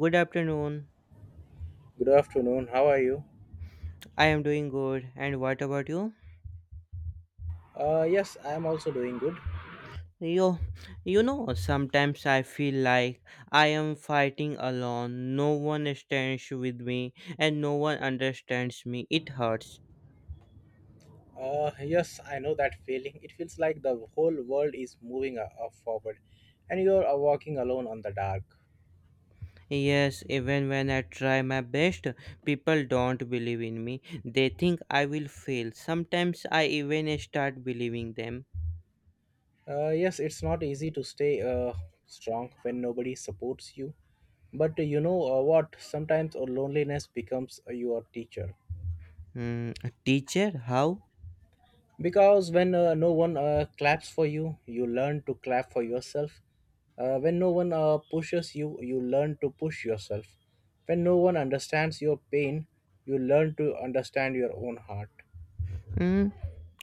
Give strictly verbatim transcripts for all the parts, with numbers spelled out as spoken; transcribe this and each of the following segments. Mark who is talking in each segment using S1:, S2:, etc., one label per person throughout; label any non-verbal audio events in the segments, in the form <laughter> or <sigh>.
S1: Good afternoon.
S2: Good afternoon. How are you?
S1: I am doing good. And what about you?
S2: Uh, yes, I am also doing good.
S1: Yo, you know, sometimes I feel like I am fighting alone. No one stands with me and no one understands me. It hurts.
S2: Uh, yes, I know that feeling. It feels like the whole world is moving uh, uh, forward, and you are uh, walking alone on the dark.
S1: Yes, even when I try my best, people don't believe in me. They think I will fail. Sometimes I even start believing them.
S2: Uh, yes, it's not easy to stay uh, strong when nobody supports you. But uh, you know uh, what? Sometimes uh, loneliness becomes uh, your teacher.
S1: Hmm, teacher, how?
S2: Because when uh, no one uh, claps for you, you learn to clap for yourself. Uh, when no one uh, pushes you, you learn to push yourself. When no one understands your pain, you learn to understand your own heart.
S1: Hmm,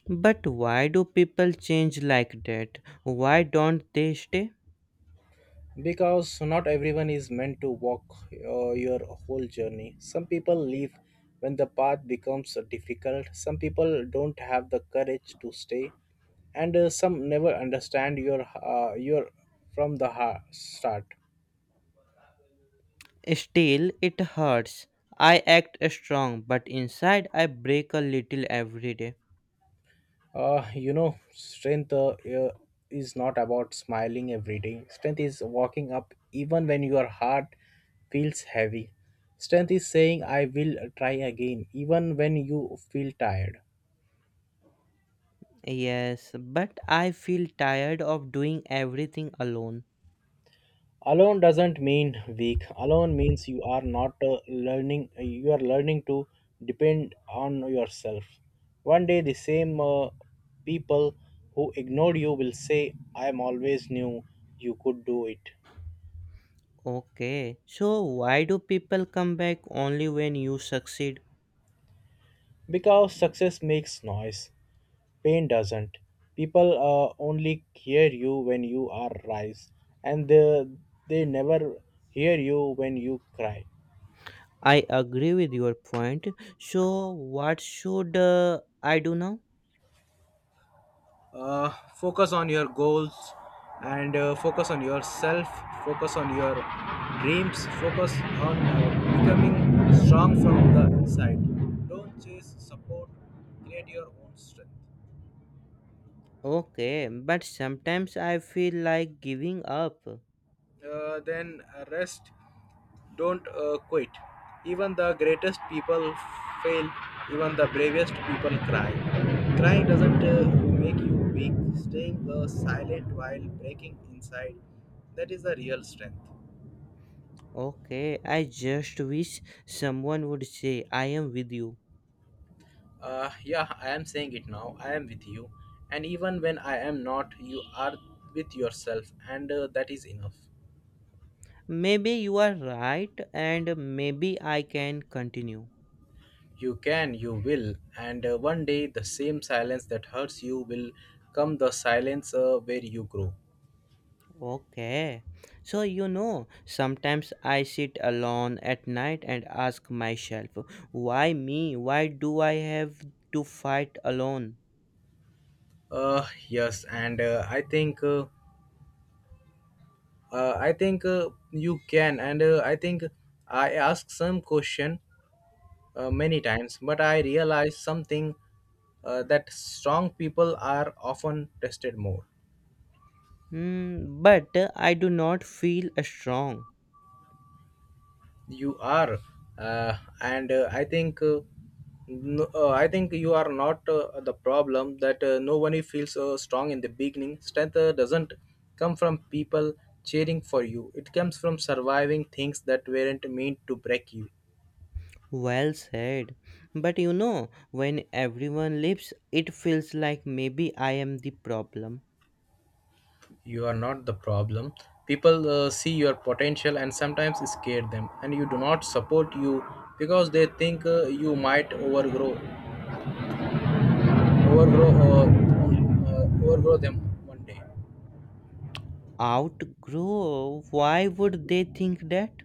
S1: but why do people change like that? Why don't they stay?
S2: Because not everyone is meant to walk uh, your whole journey. Some people leave when the path becomes uh, difficult. Some people don't have the courage to stay, and uh, some never understand your uh, your from the heart start.
S1: Still, it hurts. I act strong, but inside I break a little every day.
S2: Uh, you know, strength uh, uh, is not about smiling every day. Strength is walking up even when your heart feels heavy. Strength is saying, I will try again, even when you feel tired.
S1: Yes, but I feel tired of doing everything alone.
S2: Alone doesn't mean weak. Alone means you are not uh, learning, uh, you are learning to depend on yourself. One day, the same uh, people who ignored you will say, I am always knew you could do it.
S1: Okay, so why do people come back only when you succeed?
S2: Because success makes noise, pain doesn't. People uh, only hear you when you are rise, and they, they never hear you when you cry.
S1: I agree with your point. So, what should uh, I do now?
S2: Uh, focus on your goals, and uh, focus on yourself, focus on your dreams, focus on uh, becoming strong from the inside. Don't chase support, create your own strength.
S1: Okay, but sometimes I feel like giving up.
S2: Uh, then uh, rest, don't uh, quit. Even the greatest people fail, even the bravest people cry. Crying doesn't uh, make you weak, staying uh, silent while breaking inside, that is the real strength.
S1: Okay, I just wish someone would say, I am with you.
S2: Uh, yeah, I am saying it now. I am with you. And even when I am not, you are with yourself, and uh, that is enough.
S1: Maybe you are right, and maybe I can continue.
S2: You can, you will, and uh, one day the same silence that hurts you will come the silence uh, where you grow.
S1: Okay. So, you know, sometimes I sit alone at night and ask myself, why me? Why do I have to fight alone?
S2: Uh, yes, and uh, I think uh, uh, I think uh, you can, and uh, I think I asked some question uh, many times, but I realized something uh, that strong people are often tested more.
S1: Hmm, but I do not feel strong.
S2: You are uh, and uh, I think uh, no, uh, I think you are not uh, the problem. That uh, no one feels uh, strong in the beginning. Strength uh, doesn't come from people cheering for you. It comes from surviving things that weren't meant to break you.
S1: Well said. But you know, when everyone leaves, it feels like maybe I am the problem.
S2: You are not the problem. People uh, see your potential and sometimes scare them and you do not support you, because they think uh, you might overgrow overgrow uh, uh, overgrow them one day.
S1: Outgrow, why would they think that?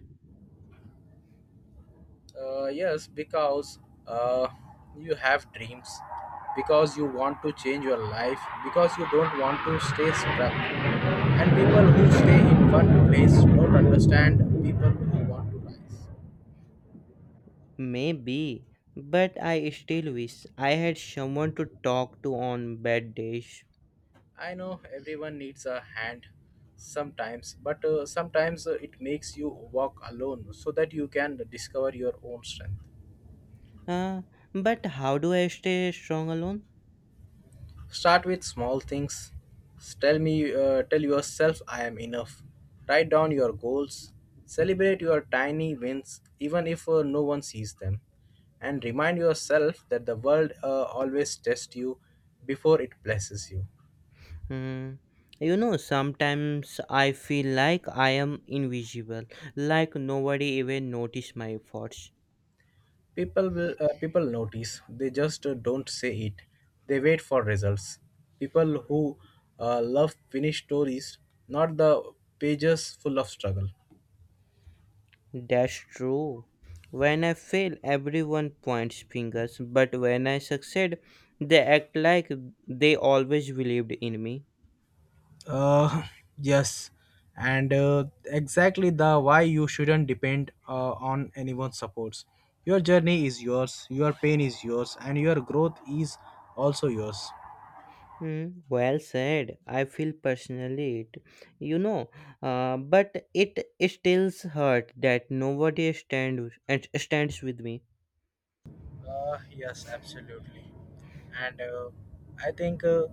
S2: Uh, yes, because uh, you have dreams, because you want to change your life, because you don't want to stay stuck. And people who stay in one place don't understand people who want to rise.
S1: Maybe, but I still wish I had someone to talk to on bad days.
S2: I know everyone needs a hand sometimes, but uh, sometimes uh, it makes you walk alone so that you can discover your own strength.
S1: Uh, but how do I stay strong alone?
S2: Start with small things. Tell me, uh, tell yourself, I am enough. Write down your goals. Celebrate your tiny wins, even if uh, no one sees them. And remind yourself that the world uh, always tests you before it blesses you.
S1: Hmm. You know, sometimes I feel like I am invisible, like nobody even noticed my efforts.
S2: People will, uh, people notice. They just uh, don't say it. They wait for results. People who uh, love finished stories, not the pages full of struggle.
S1: That's true. When I fail, everyone points fingers, but when I succeed, they act like they always believed in me.
S2: Uh, yes, and uh, exactly the why you shouldn't depend uh, on anyone's supports. Your journey is yours, your pain is yours, and your growth is also yours.
S1: Hmm, well said. I feel personally it, you know, uh, but it still hurt that nobody stand and stands with me.
S2: Uh, yes, absolutely. And uh, I think uh,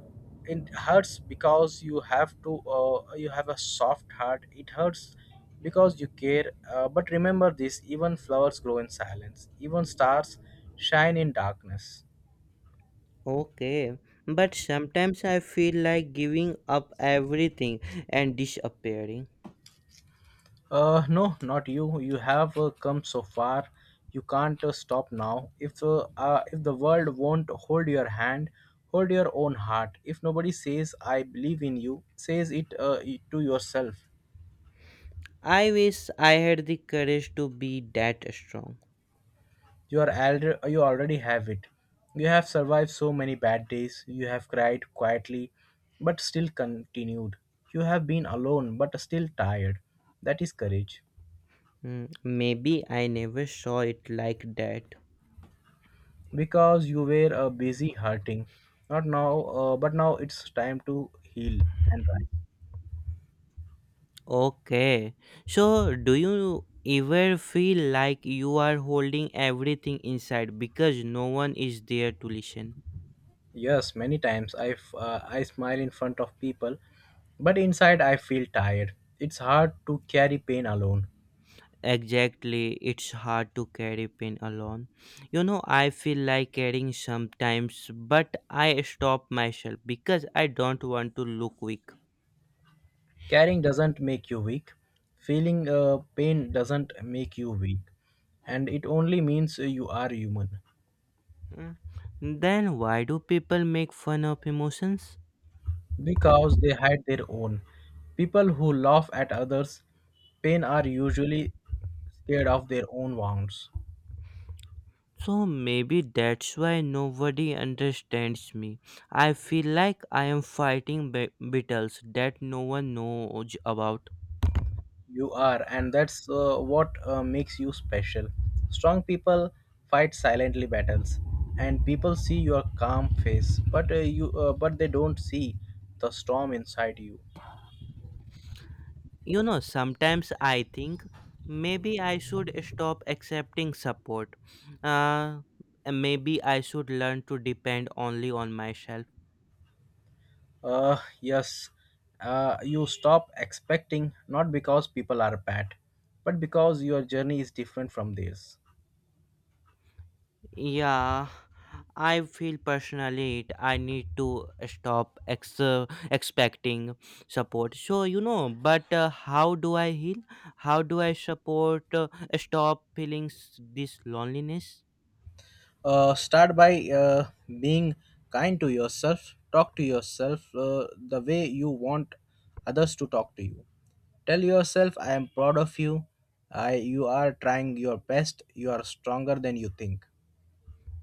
S2: it hurts because you have to, uh, you have a soft heart. It hurts because you care. Uh, but remember this, even flowers grow in silence, even stars shine in darkness.
S1: Okay, but sometimes I feel like giving up everything and disappearing.
S2: Uh, no, not you. You have uh, come so far. You can't uh, stop now. If uh, uh, if the world won't hold your hand, hold your own heart. If nobody says "I believe in you," says it uh, it to yourself.
S1: I wish I had the courage to be that strong.
S2: You are alre- you already have it. You have survived so many bad days. You have cried quietly, but still continued. You have been alone, but still tired. That is courage.
S1: Hmm, maybe I never saw it like that.
S2: Because you were uh, busy hurting, not now uh, but now it's time to heal and rise.
S1: Okay. So, do you ever feel like you are holding everything inside because no one is there to listen?
S2: Yes, many times i f- uh, I smile in front of people, but inside I feel tired. It's hard to carry pain alone.
S1: Exactly. It's hard to carry pain alone. You know, I feel like carrying sometimes, but I stop myself because I don't want to look weak.
S2: Carrying doesn't make you weak, feeling uh, pain doesn't make you weak, and it only means you are human.
S1: Mm. Then, why do people make fun of emotions?
S2: Because they hide their own. People who laugh at others pain are usually scared of their own wounds.
S1: So maybe that's why nobody understands me. I feel like I am fighting ba- battles that no one knows about.
S2: You are, and that's uh, what uh, makes you special. Strong people fight silently battles, and people see your calm face, but uh, you, uh, but they don't see the storm inside you.
S1: You know, sometimes I think maybe I should stop accepting support. Uh, and maybe I should learn to depend only on myself.
S2: Uh, yes, uh, you stop expecting not because people are bad, but because your journey is different from theirs.
S1: Yeah, I feel personally it. I need to stop ex- uh, expecting support. So you know, but uh, how do I heal? How do I support? Uh, stop feeling s- this loneliness.
S2: Uh, start by uh, being kind to yourself. Talk to yourself uh, the way you want others to talk to you. Tell yourself, I am proud of you. I, you are trying your best. You are stronger than you think.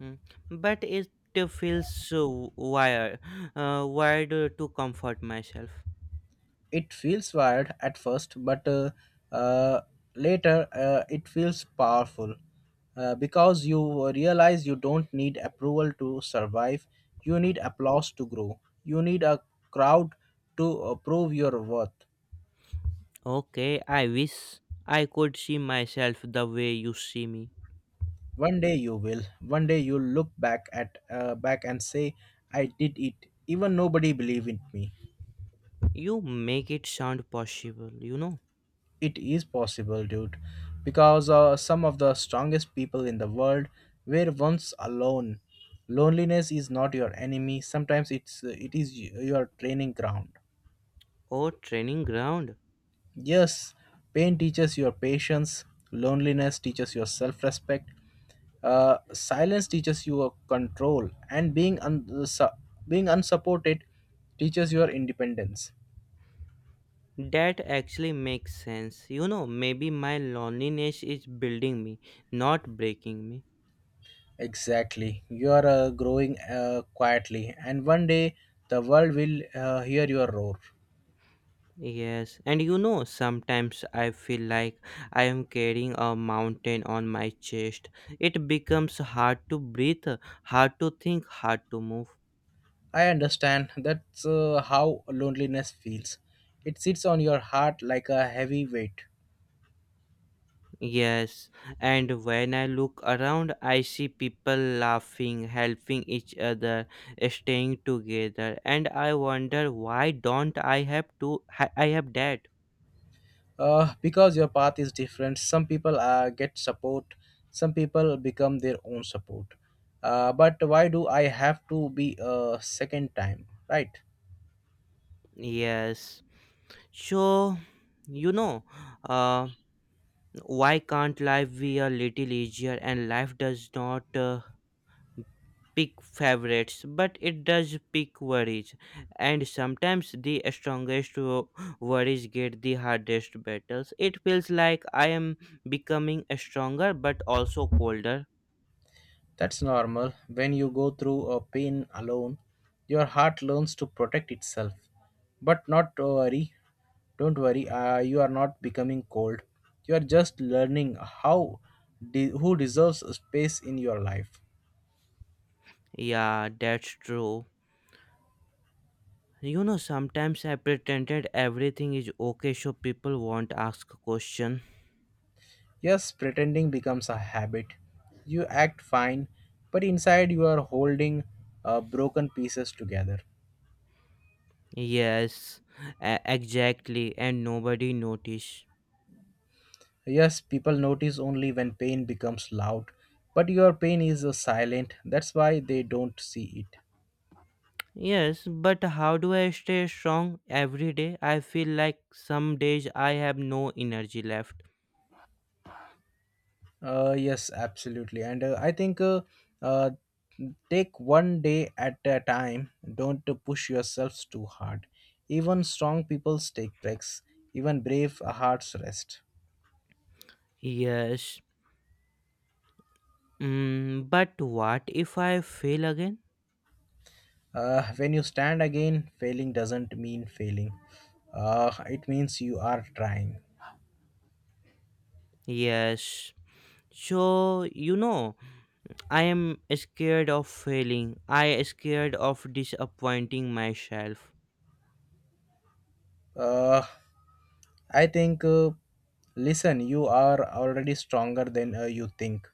S1: Mm. But it uh, feels so wired, uh, wired uh, to comfort myself.
S2: It feels wired at first, but uh, uh, later uh, it feels powerful uh, because you realize you don't need approval to survive. You need applause to grow. You need a crowd to uh, prove your worth.
S1: Okay, I wish I could see myself the way you see me.
S2: One day you will. One day you'll look back at uh, back and say, "I did it." Even nobody believed in me.
S1: You make it sound possible. You know.
S2: It is possible, dude, because uh, some of the strongest people in the world were once alone. Loneliness is not your enemy. Sometimes it's uh, it is y- your training ground.
S1: Oh, training ground.
S2: Yes, pain teaches your patience. Loneliness teaches your self-respect. Uh, silence teaches you a control, and being un- uh, su- being unsupported teaches your independence.
S1: That actually makes sense. You know, maybe my loneliness is building me, not breaking me.
S2: Exactly. You are uh, growing uh, quietly, and one day the world will uh, hear your roar.
S1: Yes, and you know, sometimes I feel like I am carrying a mountain on my chest. It becomes hard to breathe, hard to think, hard to move.
S2: I understand that's uh, how loneliness feels. It sits on your heart like a heavy weight.
S1: Yes, and when I look around, I see people laughing, helping each other, staying together, and I wonder why don't I have to? I I have that.
S2: Uh, because your path is different, some people uh, get support, some people become their own support. Uh, but why do I have to be a second time, right?
S1: Yes. So, you know, uh, why can't life be a little easier? And life does not uh, pick favorites, but it does pick worries. And sometimes the strongest wo- worries get the hardest battles. It feels like I am becoming stronger, but also colder.
S2: That's normal. When you go through a pain alone, your heart learns to protect itself. But not to worry. Don't worry. Uh, you are not becoming cold. You are just learning how de- who deserves a space in your life.
S1: Yeah, that's true. You know, sometimes I pretended everything is okay so people won't ask a question.
S2: Yes, pretending becomes a habit. You act fine, but inside you are holding uh, broken pieces together.
S1: Yes, e- exactly, and nobody notice.
S2: Yes, people notice only when pain becomes loud, but your pain is uh, silent. That's why they don't see it.
S1: Yes, but how do I stay strong every day? I feel like some days I have no energy left.
S2: Uh, yes, absolutely. And uh, I think uh, uh, take one day at a time. Don't uh, push yourselves too hard. Even strong people take breaks. Even brave hearts rest.
S1: Yes. Mm, but what if I fail again?
S2: Uh, when you stand again, failing doesn't mean failing. Uh, it means you are trying.
S1: Yes. So, you know, I am scared of failing. I scared of disappointing myself.
S2: Uh, I think, uh, listen, you are already stronger than uh, you think.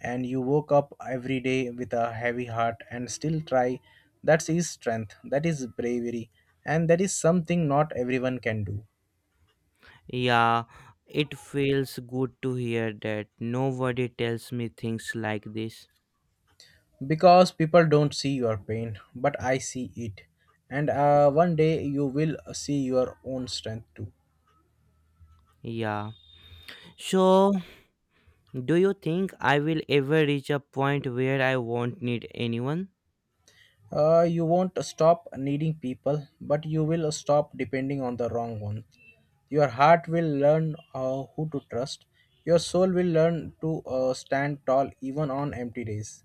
S2: And you woke up every day with a heavy heart and still try. That is strength, that is bravery, and that is something not everyone can do.
S1: Yeah, it feels good to hear that. Nobody tells me things like this.
S2: Because people don't see your pain, but I see it. And uh, one day you will see your own strength too.
S1: Yeah. So, do you think I will ever reach a point where I won't need anyone?
S2: Uh, you won't stop needing people, but you will stop depending on the wrong ones. Your heart will learn uh, who to trust. Your soul will learn to uh, stand tall even on empty days.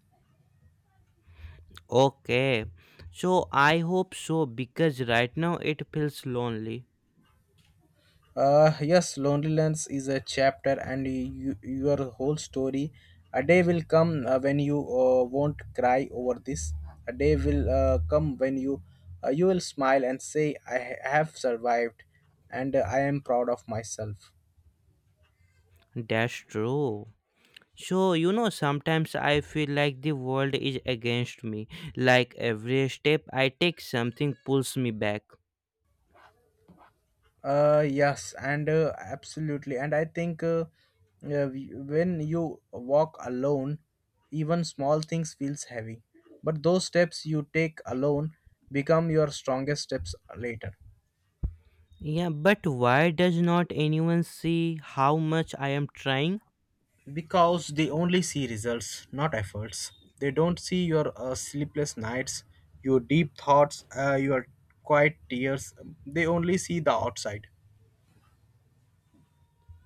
S1: Okay. So, I hope so because right now it feels lonely.
S2: Uh, yes, loneliness is a chapter, and you, your whole story. A day will come uh, when you uh, won't cry over this. A day will uh, come when you uh, you will smile and say, "I ha- have survived, and uh, I am proud of myself."
S1: That's true. So, you know, sometimes I feel like the world is against me. Like every step I take, something pulls me back.
S2: Uh, yes, and uh, absolutely. And I think uh, uh, we- when you walk alone, even small things feels heavy. But those steps you take alone become your strongest steps later.
S1: Yeah, but why does not anyone see how much I am trying?
S2: Because they only see results, not efforts. They don't see your uh, sleepless nights, your deep thoughts, uh, your quiet tears. They only see the outside.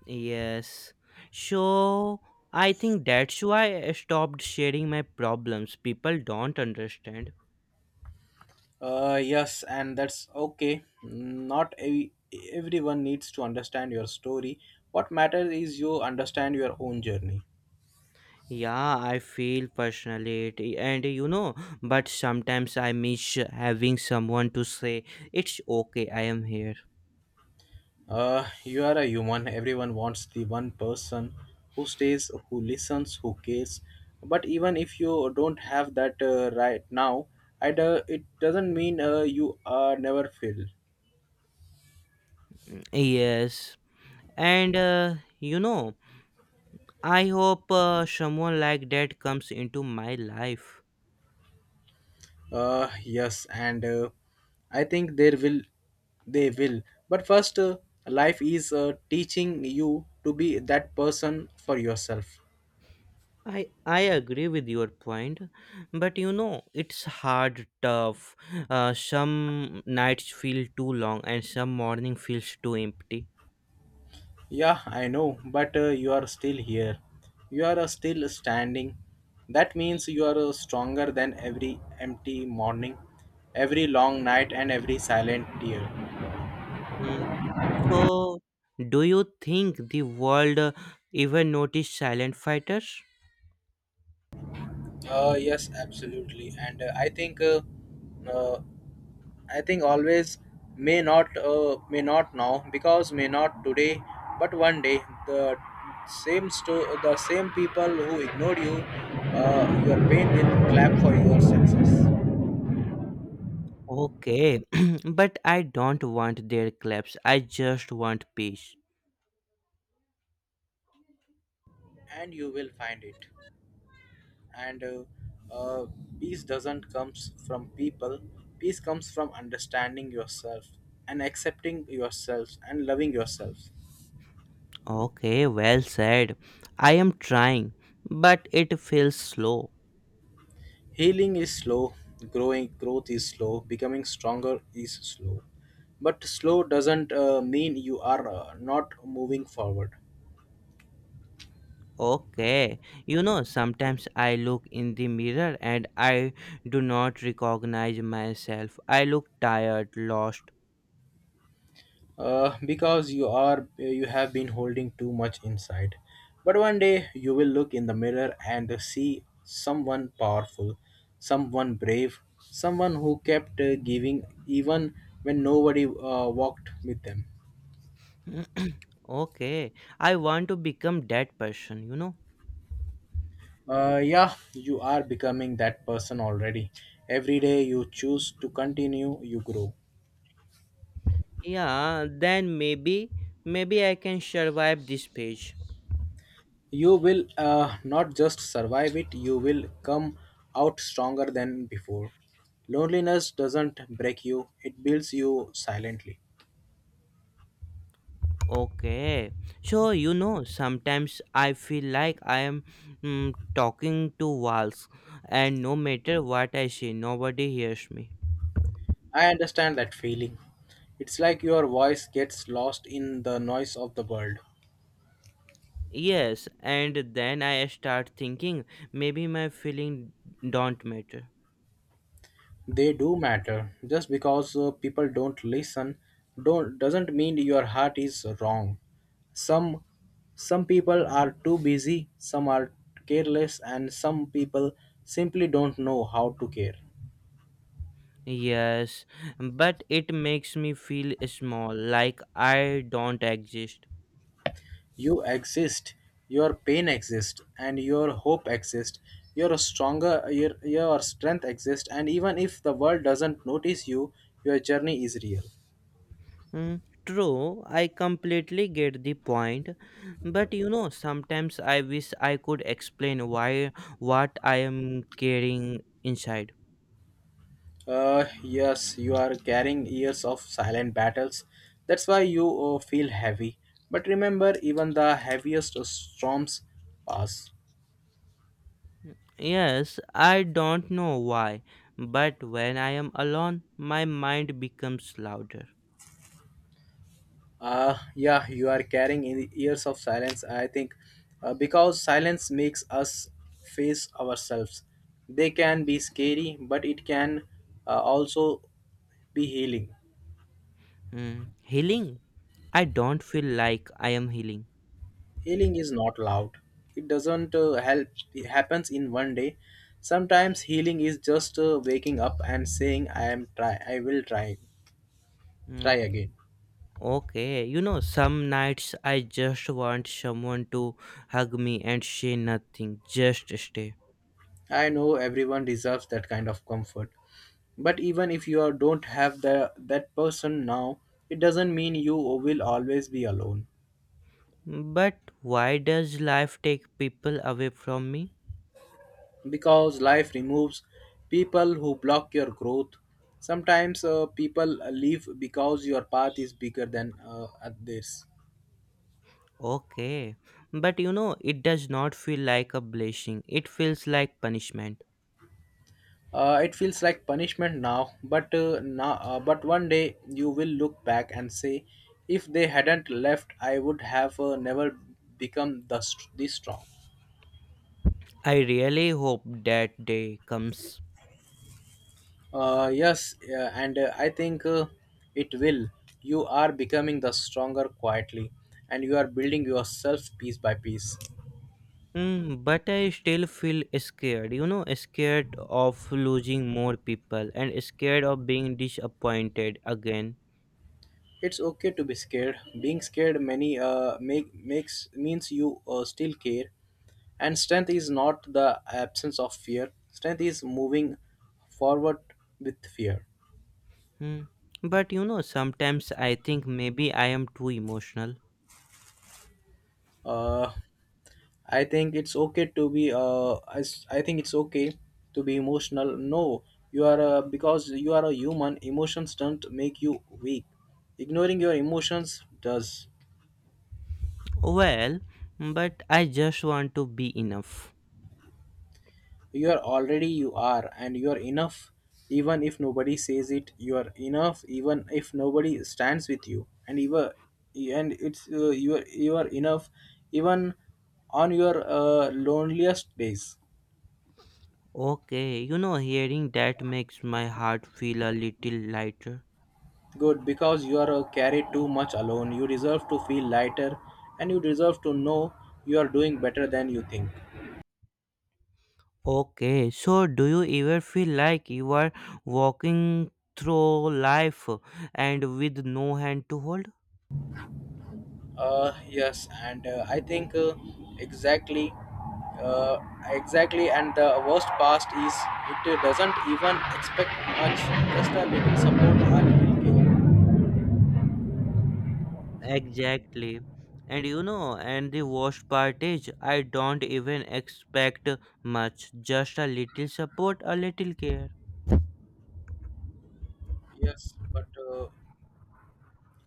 S1: Yes. So I think that's why I stopped sharing my problems. People don't understand.
S2: Uh, yes, and that's okay. Not ev- Everyone needs to understand your story. What matters is you understand your own journey.
S1: Yeah, I feel personally it, and you know, but sometimes I miss having someone to say, it's okay, I am here.
S2: Uh, you are a human. Everyone wants the one person who stays, who listens, who cares. But even if you don't have that uh, right now, I do- it doesn't mean uh, you are never filled.
S1: Yes. And uh, you know, I hope uh, someone like that comes into my life.
S2: Uh, yes, and uh, I think there will, they will. But first, uh, life is uh, teaching you to be that person for yourself.
S1: I I agree with your point, but you know it's hard, tough. Uh, some nights feel too long, and some morning feels too empty.
S2: Yeah, I know, but uh, you are still here. You are uh, still standing. That means you are uh, stronger than every empty morning, every long night, and every silent tear.
S1: Mm. So, do you think the world uh, even notice silent fighters?
S2: Uh, yes, absolutely. And uh, I think uh, uh, I think always may not uh, may not now because may not today, but one day the same sto- the same people who ignored you, uh, your pain will clap for your success,
S1: Okay, <clears throat> but I don't want their claps. I just want peace.
S2: and you will find it. And uh, uh, Peace doesn't comes from people. Peace comes from understanding yourself and accepting yourself and loving yourself.
S1: Okay, well said. I am trying, but it feels slow.
S2: Healing is slow, growing growth is slow, becoming stronger is slow. But slow doesn't uh, mean you are uh, not moving forward.
S1: Okay, you know, sometimes I look in the mirror and I do not recognize myself. I look tired, lost.
S2: Uh, because you are you have been holding too much inside. But one day you will look in the mirror and see someone powerful, someone brave, someone who kept uh, giving even when nobody uh, walked with them.
S1: Okay, I want to become that person, you know.
S2: Uh, yeah, you are becoming that person already. Every day you choose to continue, you grow.
S1: Yeah, then maybe, maybe I can survive this page.
S2: You will uh, not just survive it, you will come out stronger than before. Loneliness doesn't break you, it builds you silently.
S1: Okay. So, you know, sometimes I feel like I am mm, talking to walls, and no matter what I say, nobody hears me.
S2: I understand that feeling. It's like your voice gets lost in the noise of the world.
S1: Yes, and then I start thinking maybe my feeling don't matter.
S2: They do matter. Just because uh, people don't listen, don't doesn't mean your heart is wrong. Some some people are too busy, some are careless, and some people simply don't know how to care.
S1: Yes, but it makes me feel small, like I don't exist.
S2: You exist, your pain exists, and your hope exists. You're stronger, your, your strength exists, and even if the world doesn't notice you, your journey is real.
S1: Mm, true, I completely get the point, but you know, sometimes I wish I could explain why what I am carrying inside.
S2: Uh, yes, you are carrying years of silent battles. That's why you uh, feel heavy. But remember, even the heaviest storms pass.
S1: Yes, I don't know why, but when I am alone, my mind becomes louder.
S2: Uh, yeah, you are carrying in years of silence, I think, uh, because silence makes us face ourselves. They can be scary, but it can uh, also be healing.
S1: Mm, healing? I don't feel like I am healing.
S2: Healing is not loud. It doesn't uh, help. It happens in one day. Sometimes healing is just uh, waking up and saying, "I am try. I will try.
S1: Mm,
S2: Try again."
S1: okay, you know, some nights I just want someone to hug me and say nothing, just stay.
S2: I know everyone deserves that kind of comfort. But even if you are- don't have the, that person now, it doesn't mean you will always be alone.
S1: But why does life take people away from me?
S2: Because life removes people who block your growth. Sometimes uh, people leave because your path is bigger than uh, others.
S1: Okay. But you know, it does not feel like a blessing. It feels like punishment.
S2: Uh, it feels like punishment now, but uh, now, uh, but one day you will look back and say, if they hadn't left, I would have uh, never become thus this strong.
S1: I really hope that day comes.
S2: Uh, yes, yeah, and uh, I think uh, it will. You are becoming the stronger quietly, and you are building yourself piece by piece.
S1: Mm, but I still feel scared, you know, scared of losing more people and scared of being disappointed again.
S2: It's okay to be scared. Being scared many uh, make makes means you uh, still care. And strength is not the absence of fear. Strength is moving forward with fear.
S1: Hmm. But you know, sometimes I think maybe I am too emotional.
S2: Uh, I think it's okay to be. Uh, I, s- I think it's okay to be emotional. No, you are a, because you are a human. Emotions don't make you weak. Ignoring your emotions does.
S1: Well, but I just want to be enough.
S2: You are already you are, and you are enough even if nobody says it. You are enough even if nobody stands with you, and even and it's uh, you are you are enough even on your uh, loneliest days.
S1: Okay, you know, hearing that makes my heart feel a little lighter.
S2: Good because you are uh, carried too much alone. You deserve to feel lighter, and you deserve to know you are doing better than you think.
S1: Okay, so do you ever feel like you are walking through life and with no hand to hold?
S2: Uh, yes, and uh, I think uh, exactly, uh, exactly. And the worst past is it doesn't even expect much, just a little support, a little care.
S1: Exactly. And you know, and the worst part is, I don't even expect much, just a little support, a little care.
S2: Yes, but uh,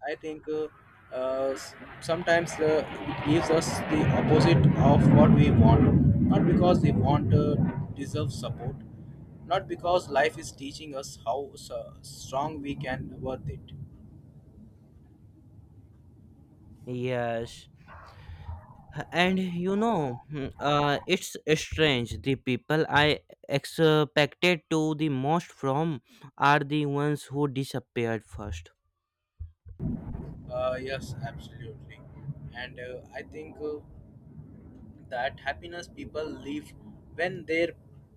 S2: I think uh, uh, s- sometimes uh, it gives us the opposite of what we want, not because we want uh, deserve support, not because life is teaching us how s- strong we can worth it.
S1: Yes. And you know, hmm, uh, it's strange the people I expected to the most from are the ones who disappeared first.
S2: Uh, yes, absolutely. And uh, I think uh, that happiness people leave when their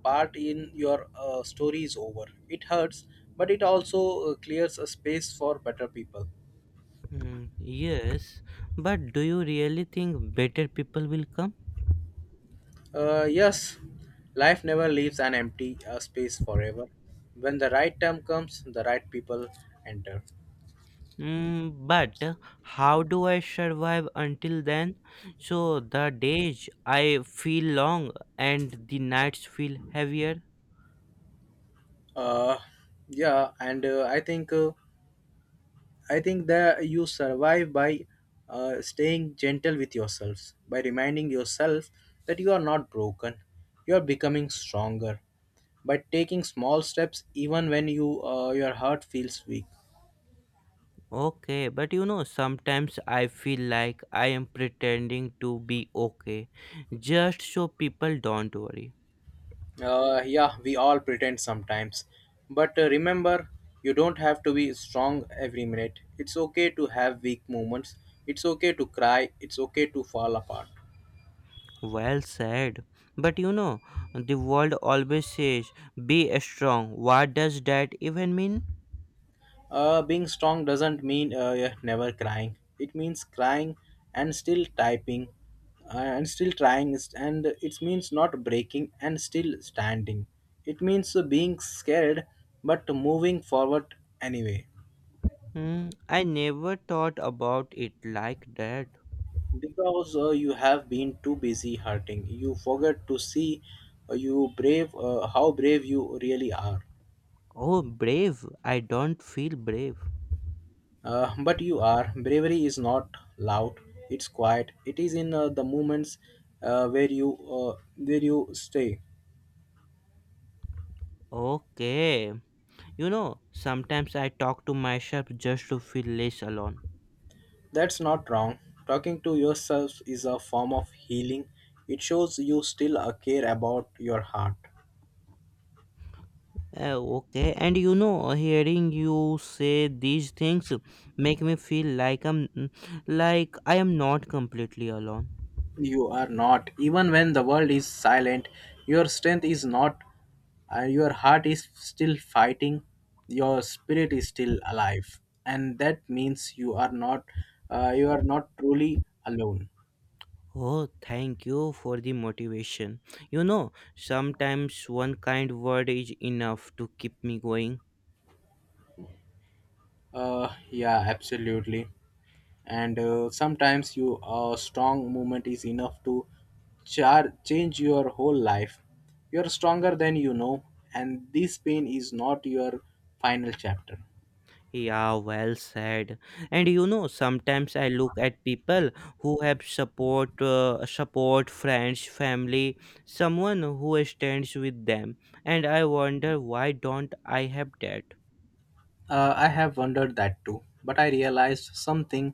S2: part in your uh, story is over. It hurts, but it also uh, clears a space for better people.
S1: Hmm, yes, but do you really think better people will come?
S2: Uh, yes, life never leaves an empty uh, space forever. When the right time comes, the right people enter.
S1: Mm, but uh, how do I survive until then? So the days I feel long and the nights feel heavier.
S2: Uh, yeah, and uh, I think. Uh, I think that you survive by uh, staying gentle with yourselves, by reminding yourself that you are not broken, you are becoming stronger, by taking small steps even when you uh, your heart feels weak.
S1: Okay, but you know, sometimes I feel like I am pretending to be okay just so people don't worry.
S2: Uh, yeah, we all pretend sometimes, but uh, remember, you don't have to be strong every minute. It's okay to have weak moments. It's okay to cry. It's okay to fall apart.
S1: Well said. But you know, the world always says be strong. What does that even mean?
S2: Uh, being strong doesn't mean uh, yeah, never crying. It means crying and still typing uh, and still trying, and it means not breaking and still standing. It means uh, being scared but moving forward anyway.
S1: Hmm, I never thought about it like that.
S2: Because uh, you have been too busy hurting, you forget to see uh, you brave uh, how brave you really are.
S1: Oh, brave. I don't feel brave.
S2: Uh, but you are. Bravery is not loud. It's quiet. It is in uh, the moments uh, where you uh, where you stay.
S1: Okay. You know, sometimes I talk to myself just to feel less alone.
S2: That's not wrong. Talking to yourself is a form of healing. It shows you still uh, care about your heart.
S1: Uh, okay, and you know, hearing you say these things make me feel like I'm mm, like I am not completely alone.
S2: You are not. Even when the world is silent, your strength is not. Uh, your heart is still fighting. Your spirit is still alive, and that means you are not. Uh, you are not truly alone.
S1: Oh, thank you for the motivation. You know, sometimes one kind word is enough to keep me going.
S2: Uh, yeah, absolutely. And uh, sometimes you a strong movement is enough to char- change your whole life. You're stronger than you know, and this pain is not your final chapter.
S1: Yeah, well said. And you know, sometimes I look at people who have support, uh, support, friends, family, someone who stands with them, and I wonder why don't I have that.
S2: Uh, I have wondered that too, but I realized something.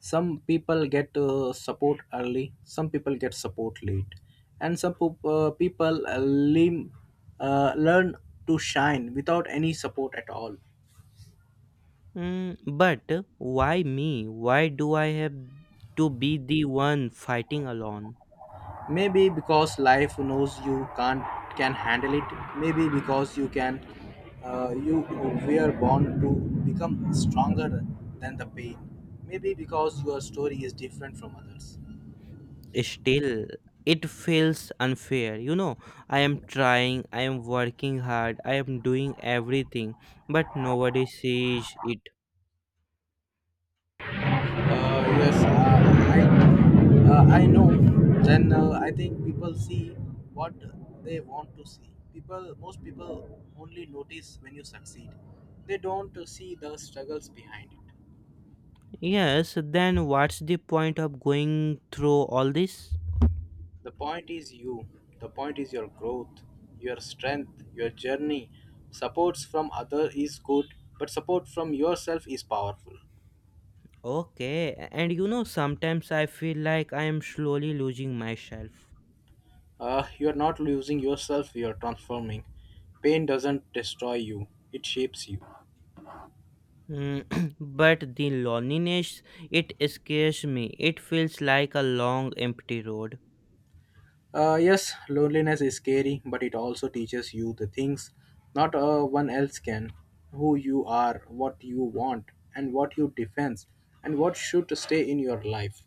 S2: Some people get uh, support early, some people get support late, and some poop- uh, people uh, lim- uh, learn to shine without any support at all.
S1: Mm, but why me? Why do I have to be the one fighting alone?
S2: Maybe because life knows you can't can handle it, maybe because you can uh, you were born to become stronger than the pain, maybe because your story is different from others.
S1: Still, it feels unfair. You know, I am trying, I am working hard, I am doing everything, but nobody sees it.
S2: uh, yes uh, i uh, I know. Then uh, I think people see what they want to see. People Most people only notice when you succeed, they don't see the struggles behind it.
S1: Yes, then what's the point of going through all this?
S2: The point is you. The point is your growth, your strength, your journey. Supports from other is good, but support from yourself is powerful.
S1: Okay, and you know, sometimes I feel like I am slowly losing myself.
S2: Uh, you are not losing yourself, you are transforming. Pain doesn't destroy you, it shapes you.
S1: Mm, <clears throat> but the loneliness, it scares me. It feels like a long empty road.
S2: Uh, yes, loneliness is scary, but it also teaches you the things not uh, one else can: who you are, what you want, and what you defend, and what should stay in your life.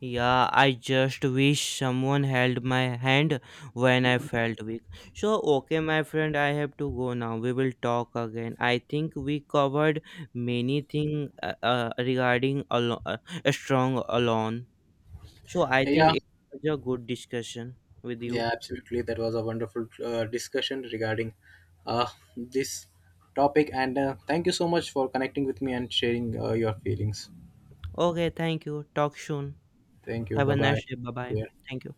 S1: Yeah, I just wish someone held my hand when I felt weak. So, okay, my friend, I have to go now. We will talk again. I think we covered many things uh, uh, regarding alo- uh, a strong alone. So, I think
S2: Yeah,
S1: it was a good discussion with you.
S2: Yeah, absolutely. That was a wonderful uh, discussion regarding uh, this topic. And uh, thank you so much for connecting with me and sharing uh, your feelings.
S1: Okay, thank you. Talk soon.
S2: Thank you.
S1: Have a
S2: Bye bye.
S1: nice day. Bye bye.
S2: Take care.
S1: Thank you.